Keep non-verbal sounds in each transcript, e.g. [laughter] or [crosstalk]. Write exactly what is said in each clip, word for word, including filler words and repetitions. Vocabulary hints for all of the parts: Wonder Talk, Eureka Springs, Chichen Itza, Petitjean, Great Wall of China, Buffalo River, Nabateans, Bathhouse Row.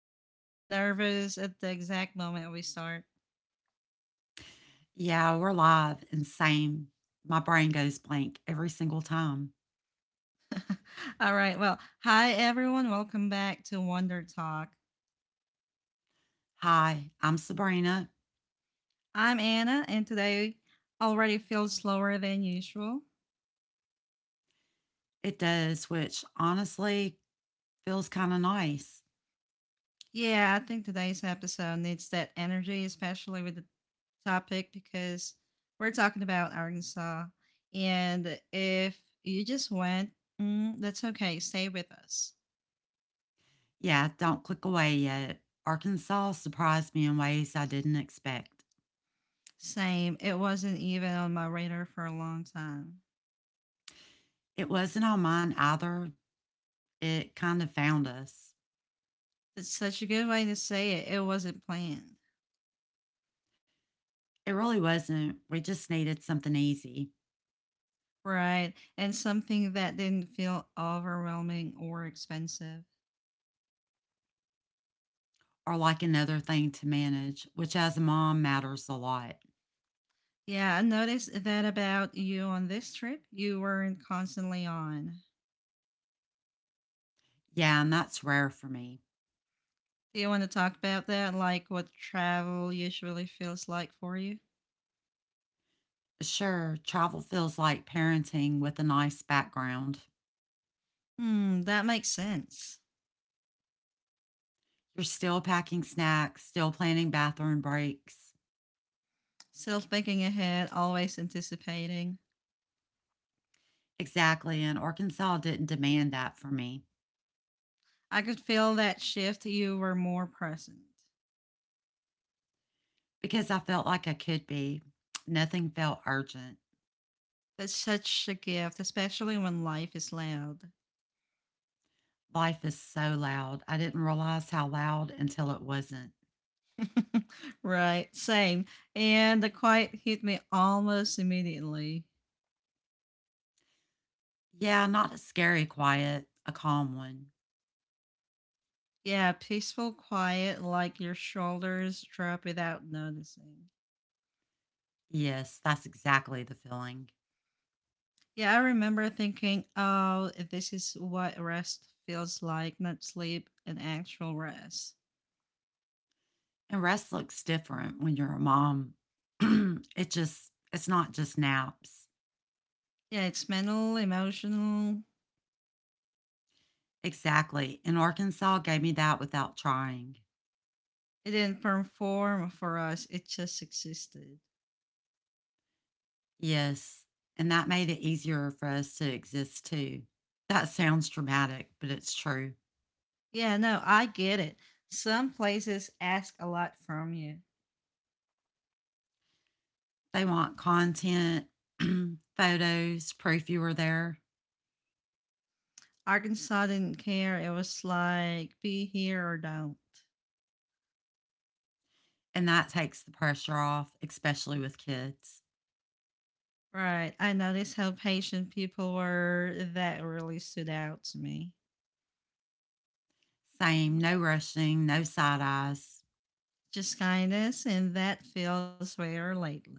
I always get nervous at the exact moment we start. Yeah, we're live and same. My brain goes blank every single time. All right, well, hi everyone. Welcome back to Wonder Talk. Hi, I'm Sabrina. I'm Anna, and today already feels slower than usual. It does, which honestly feels kind of nice. Yeah, I think today's episode needs that energy, especially with the topic, because we're talking about Arkansas. And if you just went, mm, that's okay. Stay with us. Yeah, don't click away yet. Arkansas surprised me in ways I didn't expect. Same. It wasn't even on my radar for a long time. It wasn't on mine either. It kind of found us. That's such a good way to say it. It wasn't planned, It really wasn't. We just needed something easy right? And something that didn't feel overwhelming or expensive. or like another thing to manage, which as a mom matters a lot. Yeah, I noticed that about you on this trip. You weren't constantly on. Yeah, and that's rare for me. Do you want to talk about that? Like what travel usually feels like for you? Sure, travel feels like parenting with a nice background. Hmm, that makes sense. You're still packing snacks, still planning bathroom breaks. Still thinking ahead, always anticipating. Exactly, and Arkansas didn't demand that for me I could feel that shift. You were more present. because I felt like I could be. Nothing felt urgent. That's such a gift, especially when life is loud. Life is so loud. I didn't realize how loud until it wasn't. [laughs] Right, same. And the quiet hit me almost immediately. Yeah, not a scary quiet, a calm one. Yeah, peaceful quiet, like your shoulders drop without noticing. Yes, that's exactly the feeling. Yeah, I remember thinking, oh, this is what rest feels like, not sleep, an actual rest. And rest looks different when you're a mom. [clears throat] It just, it's not just naps. Yeah, it's mental, emotional. Exactly, and Arkansas gave me that without trying. It didn't perform for us, it just existed. Yes, and that made it easier for us to exist too. That sounds dramatic, but it's true. Yeah, no, I get it. Some places ask a lot from you. They want content, [clears throat] photos, proof you were there, Arkansas didn't care. It was like, be here or don't. and that takes the pressure off, especially with kids. Right. I noticed how patient people were. That really stood out to me. Same, no rushing, no side eyes. Just kindness, and that feels rare lately.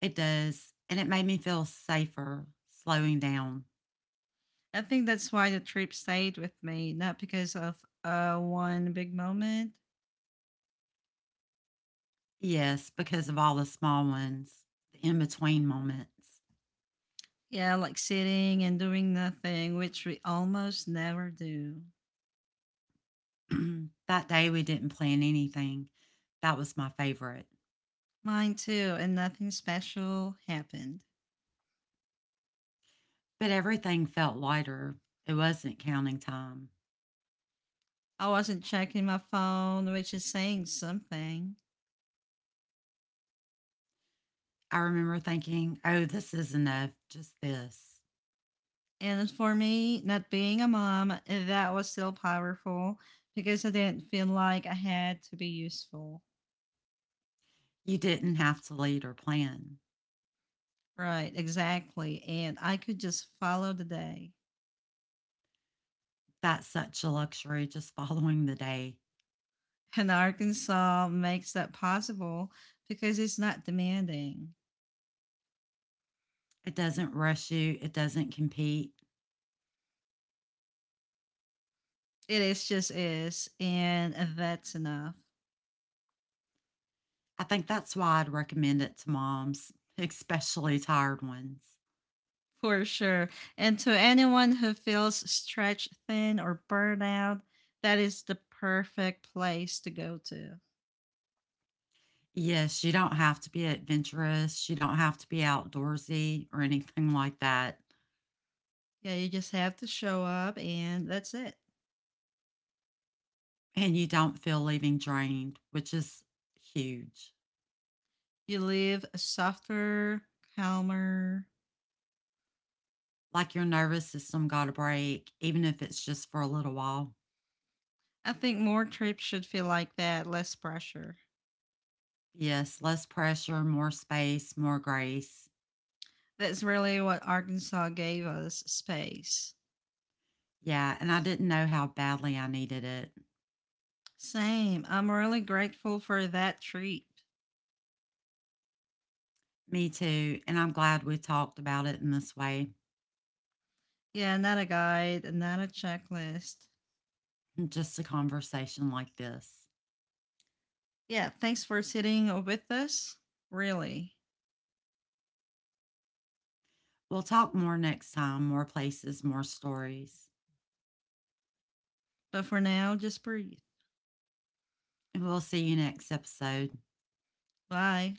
It does, and it made me feel safer slowing down. I think that's why the trip stayed with me, not because of uh, one big moment. Yes, because of all the small ones, the in between moments. Yeah, like sitting and doing nothing, which we almost never do. [clears throat] That day we didn't plan anything. That was my favorite. Mine too, and nothing special happened. But everything felt lighter. It wasn't counting time. I wasn't checking my phone, which is saying something. I remember thinking, oh, this is enough, just this. And for me, not being a mom, eh, that was still powerful because I didn't feel like I had to be useful. You didn't have to lead or plan. Right, exactly. And I could just follow the day. That's such a luxury, just [laughs] following the day. And Arkansas makes that possible because it's not demanding. It doesn't rush you, it doesn't compete. It is just is, and that's enough I think that's why I'd recommend it to moms, [laughs] especially tired ones. for sure. And to anyone who feels stretched thin or burned out, that is the perfect place to go to. Yes, you don't have to be adventurous, you don't have to be outdoorsy or anything like that. Yeah, you just have to show up and that's it. And you don't feel leaving drained, which is huge. You live a softer, calmer. Like your nervous system got a break, even if it's just for a little while. I think more trips should feel like that, less pressure. Yes, less pressure, more space, more grace. That's really what Arkansas gave us space. Yeah, and I didn't know how badly I needed it. Same. I'm really grateful for that trip. Me too. And I'm glad we talked about it in this way, Yeah, not a guide, not a checklist. just a conversation like this. Yeah, thanks for sitting with us. Really. We'll talk more next time, more places, more stories. But for now, just breathe. And we'll see you next episode. Bye.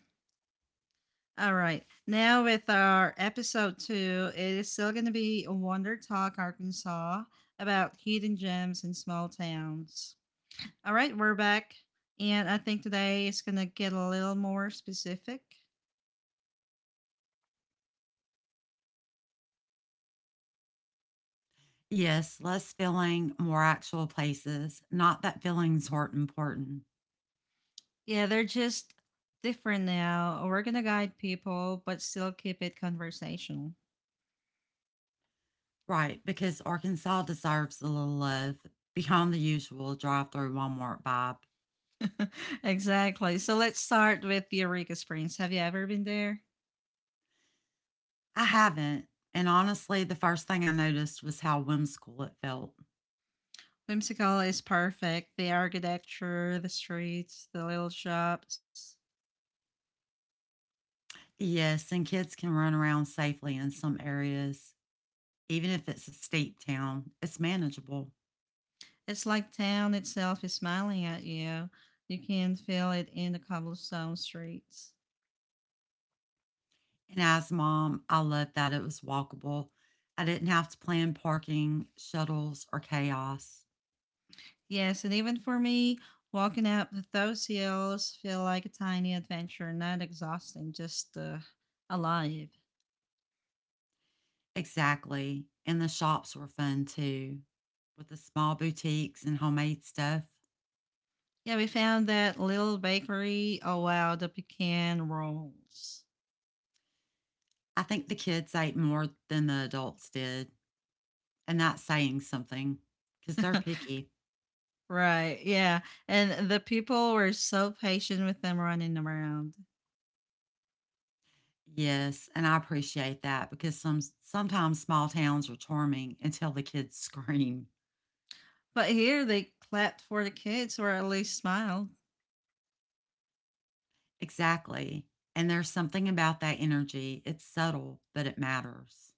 All right. Now with our episode two, it is still going to be Wonder Talk Arkansas about hidden gems in small towns. All right, we're back, and I think today it's going to get a little more specific. Yes, less feeling, more actual places. Not that feelings weren't important. Yeah, they're just different now. We're going to guide people, but still keep it conversational. Right, because Arkansas deserves a little love beyond the usual drive through Walmart vibe. [laughs] Exactly. So let's start with Eureka Springs. Have you ever been there? I haven't, and honestly, the first thing I noticed was how whimsical it felt. Whimsical is perfect. The architecture, the streets, the little shops. Yes, and kids can run around safely in some areas. Even if it's a steep town, it's manageable. It's like town itself is smiling at you. You can feel it in the cobblestone streets. And as mom, I loved that it was walkable. I didn't have to plan parking, shuttles, or chaos. Yes, and even for me, walking up those hills feel like a tiny adventure, not exhausting, just uh, alive. Exactly, and the shops were fun too, with the small boutiques and homemade stuff. Yeah, we found that little bakery. Oh wow, the pecan rolls. I think the kids ate more than the adults did, and that's saying something because they're [laughs] picky. Right, yeah. And the people were so patient with them running around. Yes, and I appreciate that because some sometimes small towns are charming until the kids [laughs] scream. But here they clapped for the kids or at least smiled. Exactly. And there's something about that energy. It's subtle, but it matters.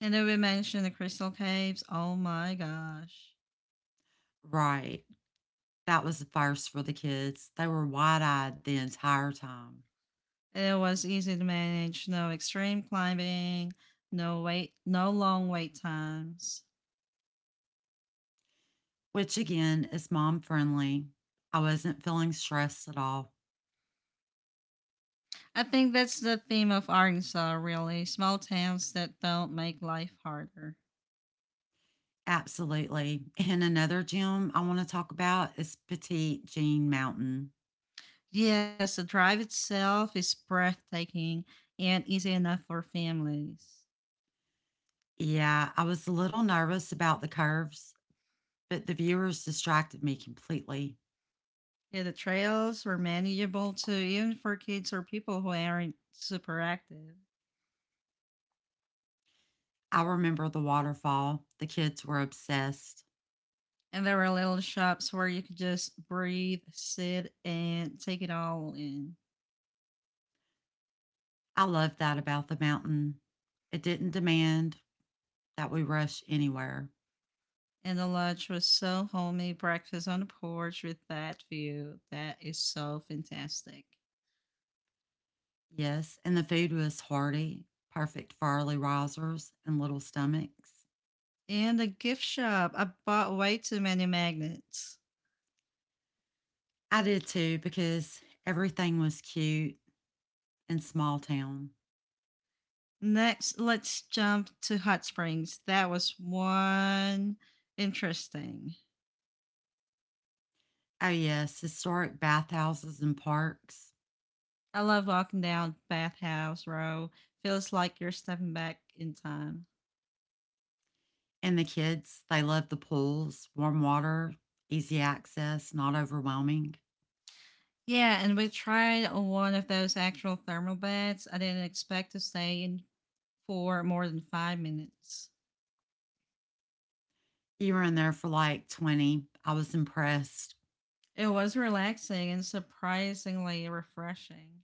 And then we mentioned the crystal caves. Oh my gosh. Right. That was the first for the kids. They were wide eyed the entire time. It was easy to manage, no extreme climbing, no wait, no long wait times. Which again is mom friendly. I wasn't feeling stressed at all. I think that's the theme of Arkansas, really. Small towns that don't make life harder. Absolutely. And another gym I want to talk about is Petite Jean Mountain. Yes, the drive itself is breathtaking and easy enough for families. Yeah, I was a little nervous about the curves, but the viewers distracted me completely. Yeah, the trails were manageable too, even for kids or people who aren't super active. I remember the waterfall. The kids were obsessed. And there were little shops where you could just breathe, sit, and take it all in. I loved that about the mountain. It didn't demand that we rush anywhere. And the lunch was so homey, breakfast on the porch with that view. That is so fantastic. Yes, and the food was hearty, perfect for early risers and little stomachs. And the gift shop, I bought way too many magnets. I did too because everything was cute and small town. Next, let's jump to Hot Springs. That was one interesting. Oh, yes, historic bathhouses and parks. I love walking down Bathhouse Row. Feels like you're stepping back in time. And the kids, they loved the pools, warm water, easy access, not overwhelming. Yeah, and we tried one of those actual thermal beds. I didn't expect to stay in for more than five minutes. You were in there for like twenty. I was impressed. It was relaxing and surprisingly refreshing.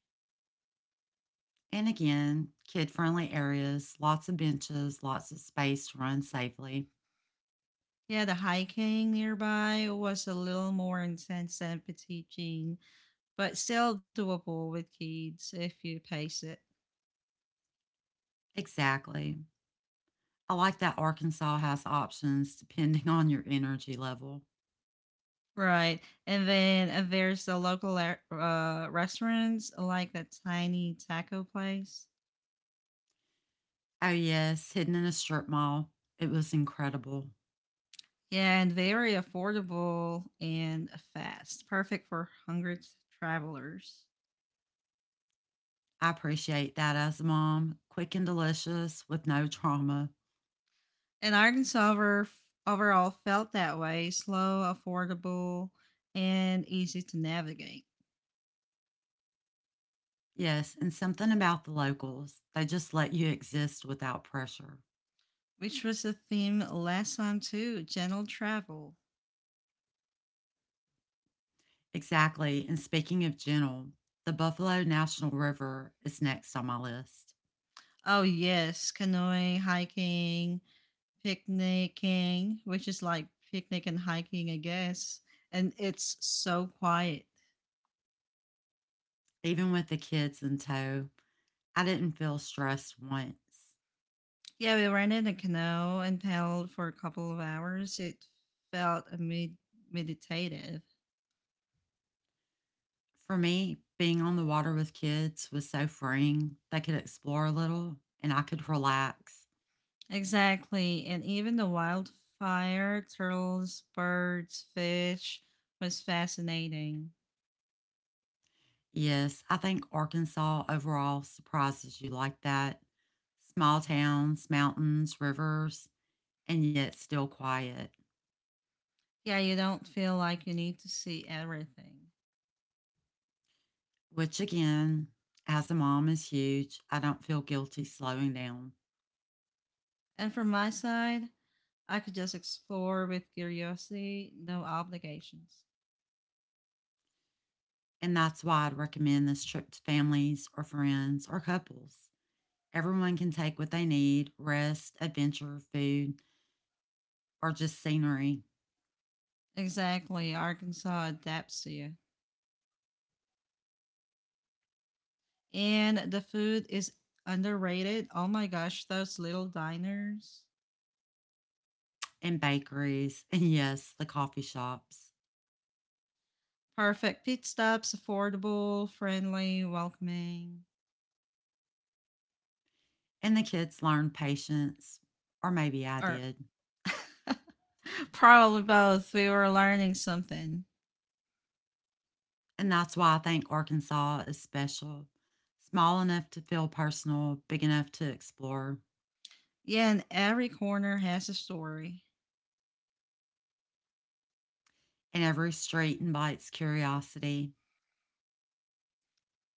And again, kid friendly areas, lots of benches, lots of space to run safely. Yeah, the hiking nearby was a little more intense than Petitjean, but still doable with kids if you pace it. Exactly. I like that Arkansas has options depending [laughs] on your energy level. Right. And then uh, there's the local uh, restaurants, like that tiny taco place. Oh, yes, hidden in a strip mall. It was incredible. Yeah, and very affordable and fast. Perfect for hungry t- travelers. I appreciate that as a mom. Quick and delicious with no trauma. And Arkansas over, overall felt that way slow, affordable, and easy to navigate, Yes, and something about the locals. They just let you exist without pressure. which was the theme last time too gentle travel. Exactly. And speaking of gentle, the Buffalo National River is next on my list. Oh, yes, canoeing, hiking, picnicking, which is like picnic and hiking, I guess. And it's so quiet. Even with the kids in tow, I didn't feel stressed once. Yeah, we rented a canoe and paddled for a couple of hours. It felt a med- meditative. For me, being on the water with kids was so freeing. They could explore a little and I could relax. Exactly. And even the wildfire, turtles, birds, fish was fascinating. Yes, I think Arkansas overall surprises you like that. Small towns, mountains, rivers, and yet still quiet, Yeah, you don't feel like you need to see everything. which again, as a mom, is huge. I don't feel guilty slowing down. And from my side, I could just explore with curiosity, no obligations. And that's why I'd recommend this trip to families or friends or couples. Everyone can take what they need, rest, adventure, food, or just scenery Exactly. Arkansas adapts to you. And the food is underrated. Oh my gosh, those little diners. and bakeries, [laughs] and yes, the coffee shops. Perfect pit stops, affordable, friendly, welcoming, And the kids learn patience, or maybe I or did. [laughs] probably both. We were learning something. And that's why I think Arkansas is special. Small enough to feel personal, big enough to explore, Yeah, and every corner has a story. and every street invites curiosity.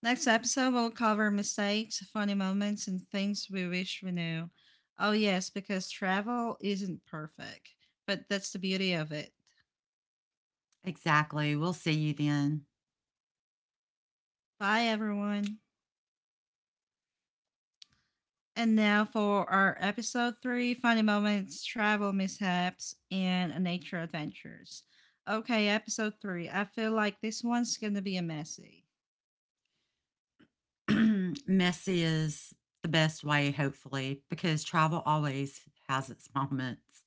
Next episode, we'll cover mistakes, funny moments, and things we wish we knew. Oh, yes, because travel isn't perfect, but that's the beauty of it. Exactly. We'll see you then. Bye, everyone. And now for our episode three funny moments, travel mishaps, and nature adventures. Okay, episode three. I feel like this one's gonna be a messy. [clears throat] Messy is the best way, hopefully, because travel always has its moments.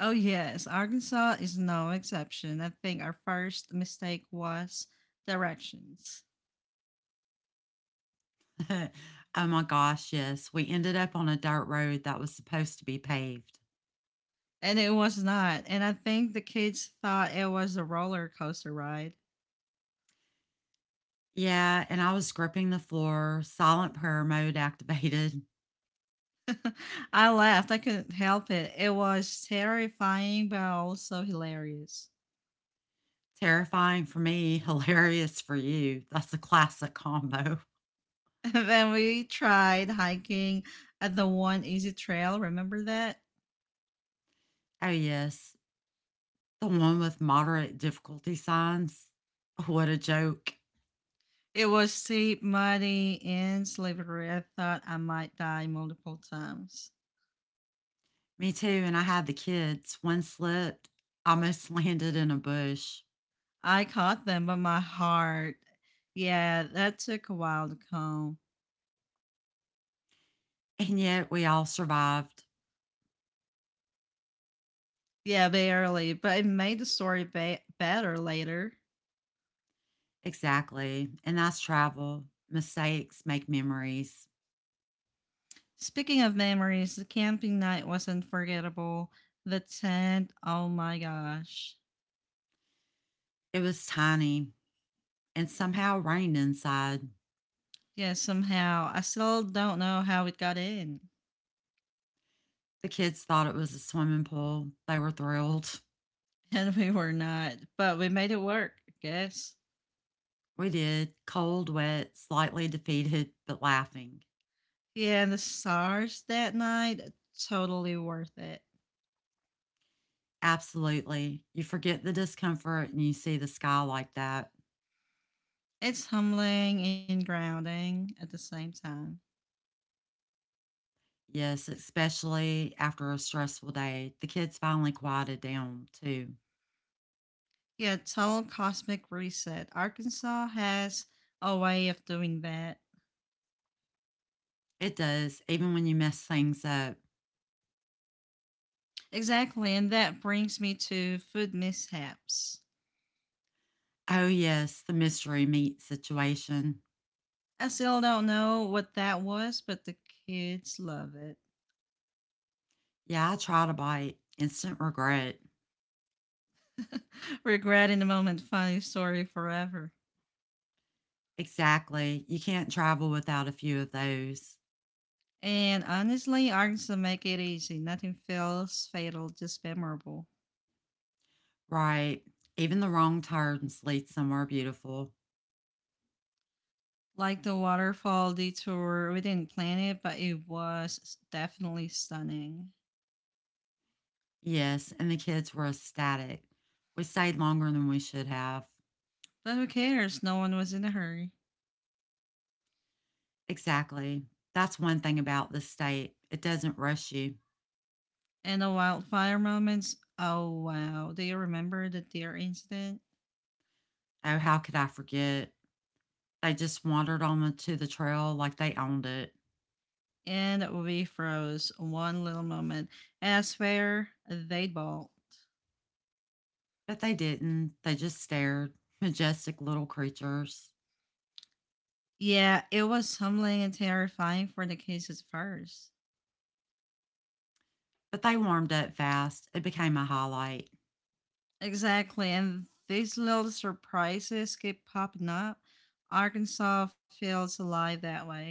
Oh, yes, Arkansas is no exception. I think our first mistake was directions, [laughs] Oh my gosh, yes. We ended up on a dirt road that was supposed to be paved. and it was not. And I think the kids thought it was a roller coaster ride. Yeah, and I was gripping the floor, silent prayer mode [laughs] activated. [laughs] I laughed, I couldn't help it. It was terrifying, but also hilarious. Terrifying for me, [laughs] hilarious for you. That's a classic combo. [laughs] Then we tried hiking at the one easy trail. Remember that? Oh, yes. The one with moderate difficulty signs. What a joke. It was steep, muddy, and slippery. I thought I might die multiple times. Me too, and I had the kids. One slipped, almost [laughs] landed in a bush. I caught them, but my heart. Yeah, that took a while to calm. And yet we all survived. Yeah, barely, but it made the story ba- better later. Exactly. And that's travel. Mistakes make memories. Speaking of memories, the camping night was unforgettable. The tent, oh my gosh. It was tiny and somehow rained inside. Yeah, somehow. I still don't know how it got in. The kids thought it was a swimming pool. They were thrilled. And we were not, but we made it work, I guess. We did. Cold, wet, slightly defeated, but laughing. Yeah, the stars that night, totally worth it. Absolutely. You forget the discomfort and you see the sky like that. It's humbling and grounding at the same time. Yes, especially after a stressful day. The kids finally quieted down, too. Yeah, total cosmic reset. Arkansas has a way of doing that. It does, even when you mess things up. Exactly, and that brings me to food mishaps. Oh, yes, the mystery meat situation. I still don't know what that was, but the kids love it. Yeah, I tried a bite. Instant regret. [laughs] Regret in the moment, funny story forever. Exactly. You can't travel without a few of those. And honestly, arcs that make it easy. Nothing feels fatal, just memorable. Right. Even the wrong turns lead somewhere beautiful. Like the waterfall detour, we didn't plan it, but it was s- definitely stunning. Yes, and the kids were ecstatic. We stayed longer than we should have. But who cares? No one was in a hurry. Exactly. That's one thing about the state. It doesn't rush you. And the wildfire moments, oh wow. Do you remember the deer incident? Oh, how could I forget? They just wandered on the, to the trail like they owned it. And we froze one little moment. And I swear, they bawled. But they didn't. They just stared. Majestic little creatures. Yeah, it was humbling and terrifying for the kids at first. But they warmed up fast. It became a highlight. Exactly. And these little surprises keep popping up. Arkansas feels alive that way.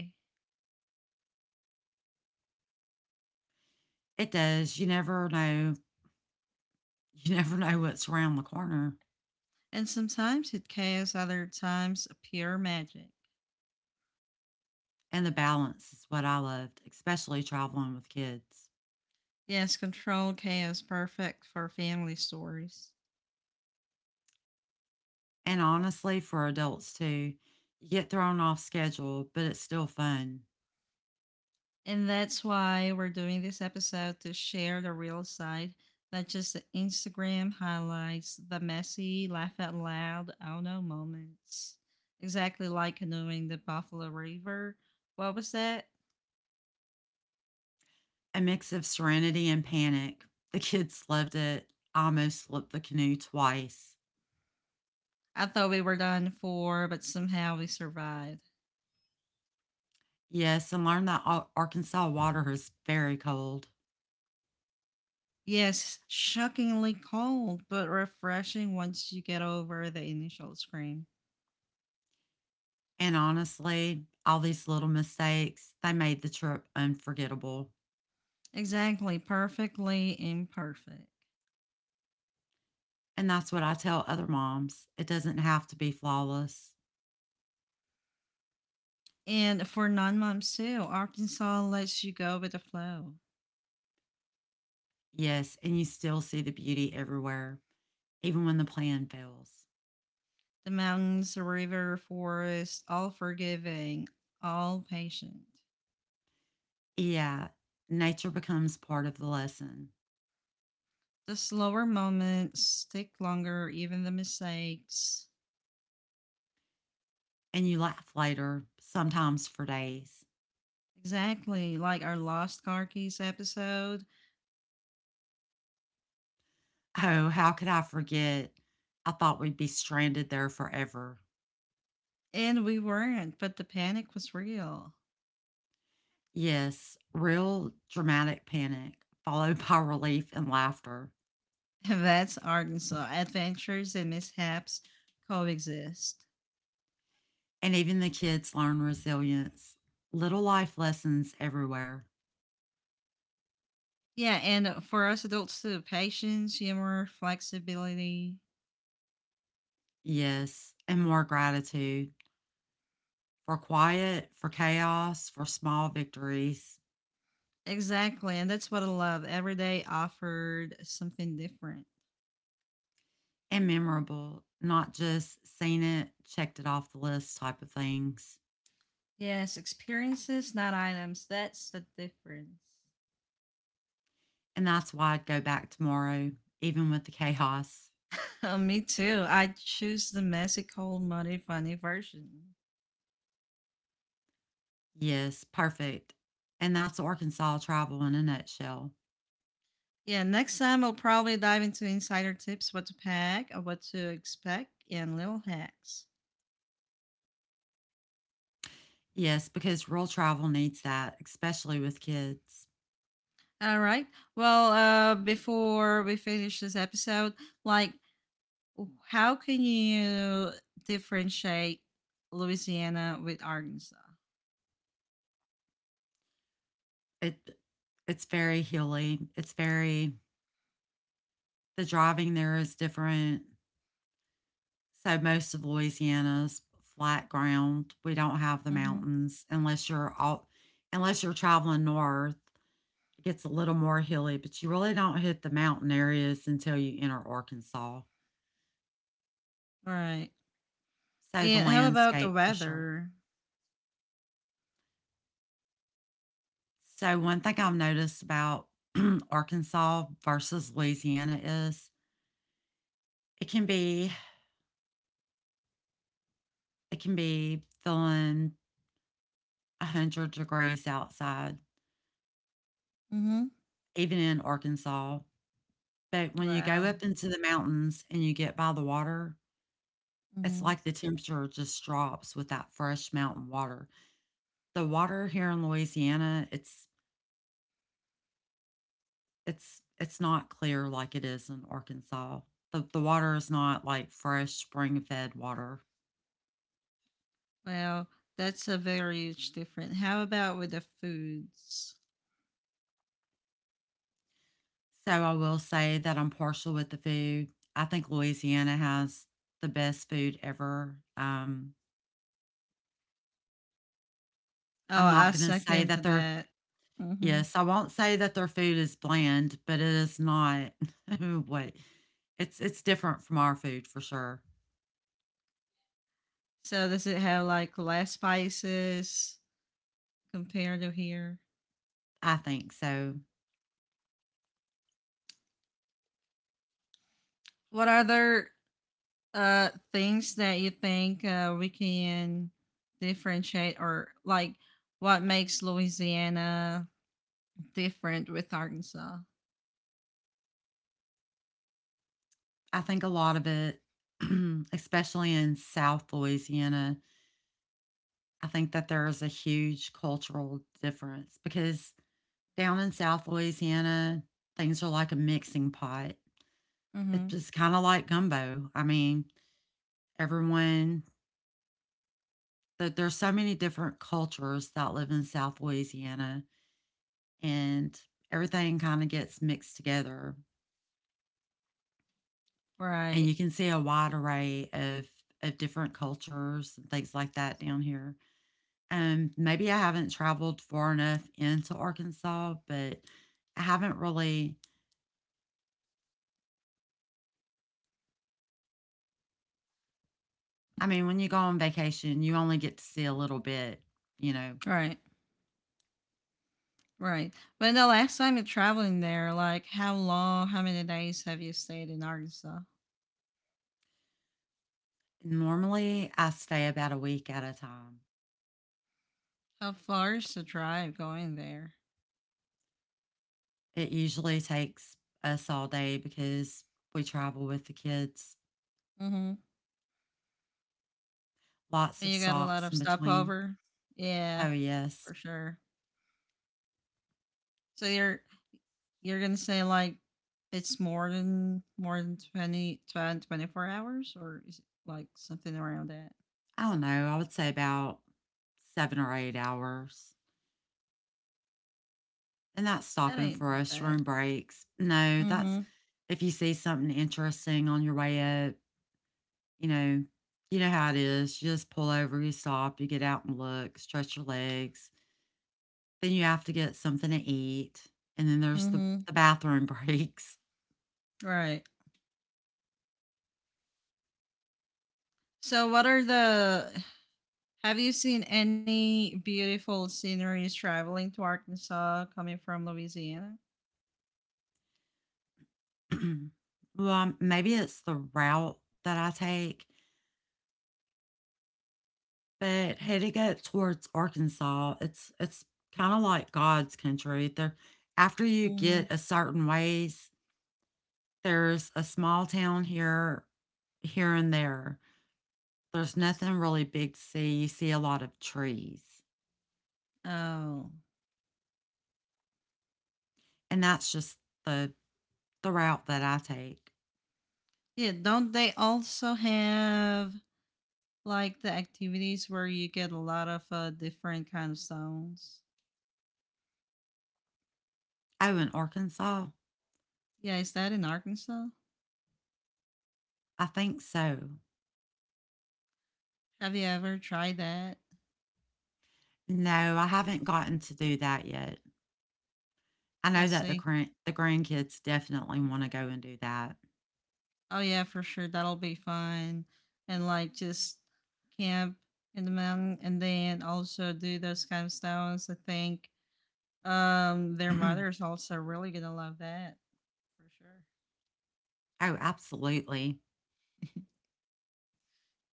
It does. You never know. You [laughs] never know what's around the corner. And sometimes it chaos, other times pure magic. And the balance is what I loved, especially traveling with kids. Yes, controlled chaos, perfect for family stories. And honestly, for adults too, you get thrown off schedule, but it's still fun. And that's why we're doing this episode to share the real side, not just the Instagram highlights, the messy, laugh out loud, oh no moments. Exactly like canoeing the Buffalo River. What was that? A mix of serenity and panic. [laughs] The kids loved it. I almost flipped the canoe twice. I thought we were done for, but somehow we survived. Yes, and learned that Arkansas water is very cold. Yes, shockingly cold, but refreshing once you get over the initial scream. And honestly, all these little mistakes, they made the trip unforgettable. Exactly, perfectly imperfect. And that's what I tell other moms. It doesn't have to be flawless. And for non moms too, Arkansas lets you go with the flow. Yes, and you still see the beauty everywhere, even when the plan fails. The mountains, the river, forest, all forgiving, all patient. Yeah, nature becomes part of the lesson, The slower moments stick longer, even the mistakes. and you laugh later, sometimes for days. Exactly, like our Lost Car Keys episode. Oh, how could I forget? I thought we'd be stranded there forever. And we weren't, but the panic was real. Yes, real dramatic panic, followed [laughs] by relief and laughter. [laughs] That's Arkansas. Adventures and mishaps coexist. And even the kids learn resilience, little life lessons everywhere. Yeah, and for us adults too, patience, humor, flexibility. Yes, and more gratitude for quiet, for chaos, for small victories. Exactly, and that's what I love. Every day offered something different. And memorable, not just seen it, checked it off the list type of things. Yes, experiences, not items. That's the difference. And that's why I'd go back tomorrow, even with the chaos. [laughs] Me too. I choose the messy, cold, muddy, funny version. Yes, perfect. And that's Arkansas travel in a nutshell. Yeah, next time we'll probably dive into insider tips, what to pack, uh, what to expect, and little hacks. Yes, because rural travel needs that, especially with kids. All right. Well, uh, before we finish this episode, like, how can you differentiate Louisiana with Arkansas? It it's very hilly. It's very, the driving there is different. So most of Louisiana's flat ground. We don't have the Mm-hmm. mountains unless you're all unless you're traveling north. It gets a little more hilly, but you really don't hit the mountain areas until you enter Arkansas. All right. So the And how about the landscape for sure. weather? So one thing I've noticed about [clears throat] Arkansas versus Louisiana is it can be, it can be feeling one hundred degrees outside, Mm-hmm. even in Arkansas. But when you go Wow. up into the mountains and you get by the water, it's Mm-hmm. like the temperature just drops with that fresh mountain water. The water here in Louisiana, it's it's it's not clear like it is in Arkansas. The the water is not like fresh spring fed water. Well, that's a very huge difference. How about with the foods? So I will say that I'm partial with the food. I think Louisiana has the best food ever. Um, I'm Oh, not I gonna say second that their that. Mm-hmm. yes, I won't say that their food is bland, but it is not [laughs] what, it's it's different from our food for sure. So does it have like less spices compared to here? I think so. What other uh things that you think uh, we can differentiate or like what makes Louisiana different with Arkansas? I think a lot of it, [clears throat] especially in South Louisiana, I think that there is a huge cultural difference because down in South Louisiana, things are like a mixing pot. It's Mm-hmm. just kind of like gumbo. I mean, everyone, there, there's so many different cultures that live in South Louisiana, and everything kind of gets mixed together. And Right, you can see a wide array of, of different cultures and things like that down here. Um, maybe I haven't traveled far enough into Arkansas, but I haven't really I mean, when you go on vacation, you only get to see a little bit, you know. right, right. When the last time you're traveling there, like how long, how many days have you stayed in Arkansas? Normally, I stay about a week at a time. How far is the drive going there? It usually takes us all day because we travel with the kids. Mm-hmm. Lots And of you got a lot stops of in between. stopover? Yeah, Oh, for yes. sure. So you're you're gonna say like it's more than more than twenty twenty twenty four hours, or is it like something around that? I don't know. I would say about seven or eight hours. And that's That stopping ain't for that us, bad. room breaks. No, that's Mhm. if you see something interesting on your way up. You know you know how it is. You just pull over, you stop, you get out and look, stretch your legs. Then you have to get something to eat, and then there's the Mhm. the bathroom [laughs] breaks. Right. So what are the have you seen any beautiful sceneries traveling to Arkansas coming from Louisiana? [clears throat] Well, um, maybe it's the route that I take, but headed up towards Arkansas, it's it's kinda like God's country. There after you Mhm. get a certain ways, there's a small town here here and there. There's nothing really big to see. You see a lot of trees, Oh. and that's just the the route that I take. Yeah, don't they also have like the activities where you get a lot of uh, different kind of stones? Oh, in Arkansas, Yeah, is that in Arkansas? I think so. Have you ever tried that? No, I haven't gotten to do that yet. I know I that the see. current the grandkids definitely want to go and do that. Oh yeah, for sure. That'll be fun. And like just camp in the mountain and then also do those kind of stones. I think um [clears throat] their Oh, mother's also really gonna love that for sure. absolutely. [laughs]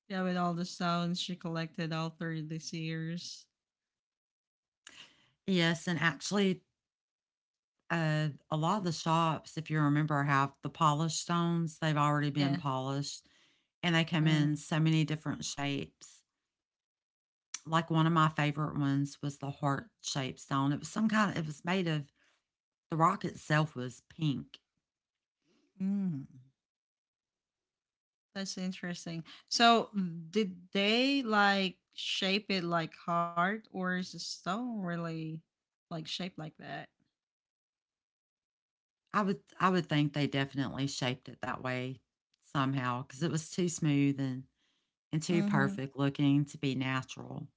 Yeah, with all the stones she collected all through these years. Yes, and actually, uh, a lot of the shops, if you remember, have the polished stones. They've already been Yeah. polished, and they come in Mm. so many different shapes. Like one of my favorite ones was the heart shaped stone. It was some kind of, it was made of The rock itself was pink. Mm. That's interesting. So, mm, did they like shape it like heart, or is the stone really like shaped like that? I would I would think they definitely shaped it that way somehow because it was too smooth and, and too Mm-hmm. perfect looking to be natural.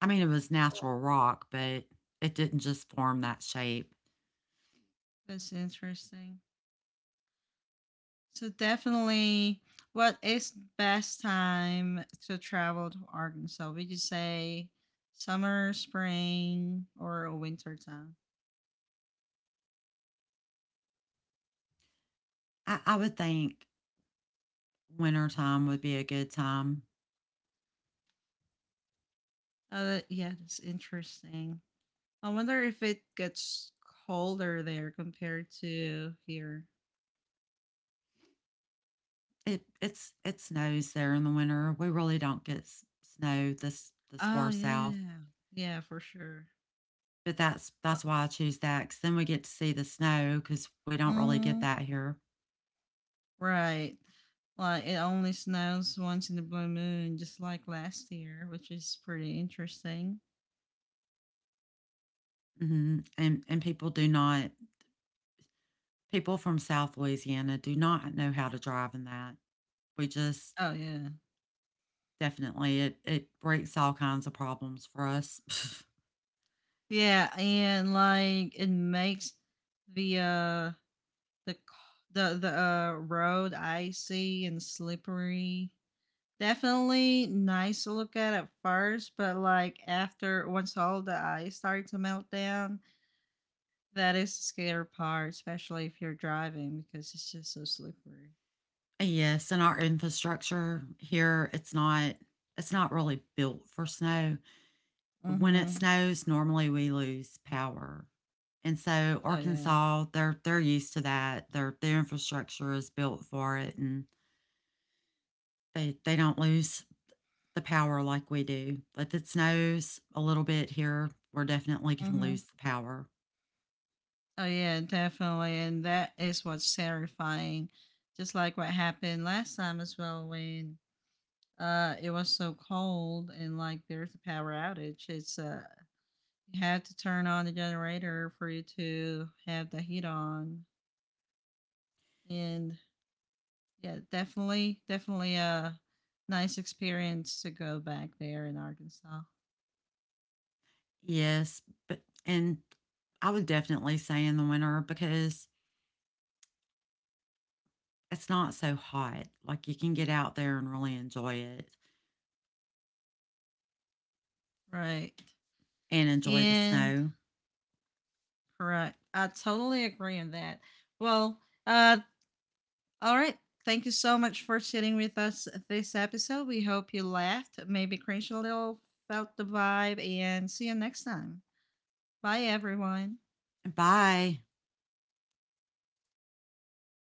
I mean, it was natural rock, but it didn't just form that shape. That's interesting. So, definitely, what is best time to travel to Arkansas? Would you say summer, spring, or a winter time? I, I would think wintertime would be a good time. Oh, yeah, that's interesting. I wonder if it gets colder there compared to here. It it's it snows there in the winter. We really don't get s- snow this this far Oh, south, yeah. Yeah, for sure. but that's that's why I choose that. Cause then we get to see the snow because we don't really get Mm-hmm. that here. Right. Like, it only snows once in the blue moon, just like last year, which is pretty interesting. Mhm, and and people do not people from South Louisiana do not know how to drive in that. We just Oh, yeah. definitely it it breaks all kinds of problems for us. [laughs] Yeah, and, like, it makes the, uh, the, c- the, the, uh, road icy and slippery. Definitely nice to look at at first, but, like, after once all the ice started to melt down, that is the scary part, especially if you're driving because it's just so slippery. Yes, and our infrastructure here, it's not it's not really built for snow. When it Mm-hmm. snows, normally we lose power. And so Oh yeah. Arkansas, they're they're used to that. Their their infrastructure is built for it, and they they don't lose the power like we do. If it snows a little bit here, we're definitely going to Mm-hmm. lose the power. Oh yeah, definitely. And that is what's terrifying. Just like what happened last time as well when uh it was so cold and like there's a power outage. It's uh you had to turn on the generator for you to have the heat on. And yeah, definitely definitely a nice experience to go back there in Arkansas. Yes, but and I would definitely say in the winter because it's not so hot. Like you can get out there and really enjoy it Right. and enjoy the Incorrect. snow. I totally agree on that. Well, uh, all right. Thank you so much for sitting with us this episode. We hope you laughed, maybe cringed a little, felt the vibe, and see you next time. Bye, everyone. Bye.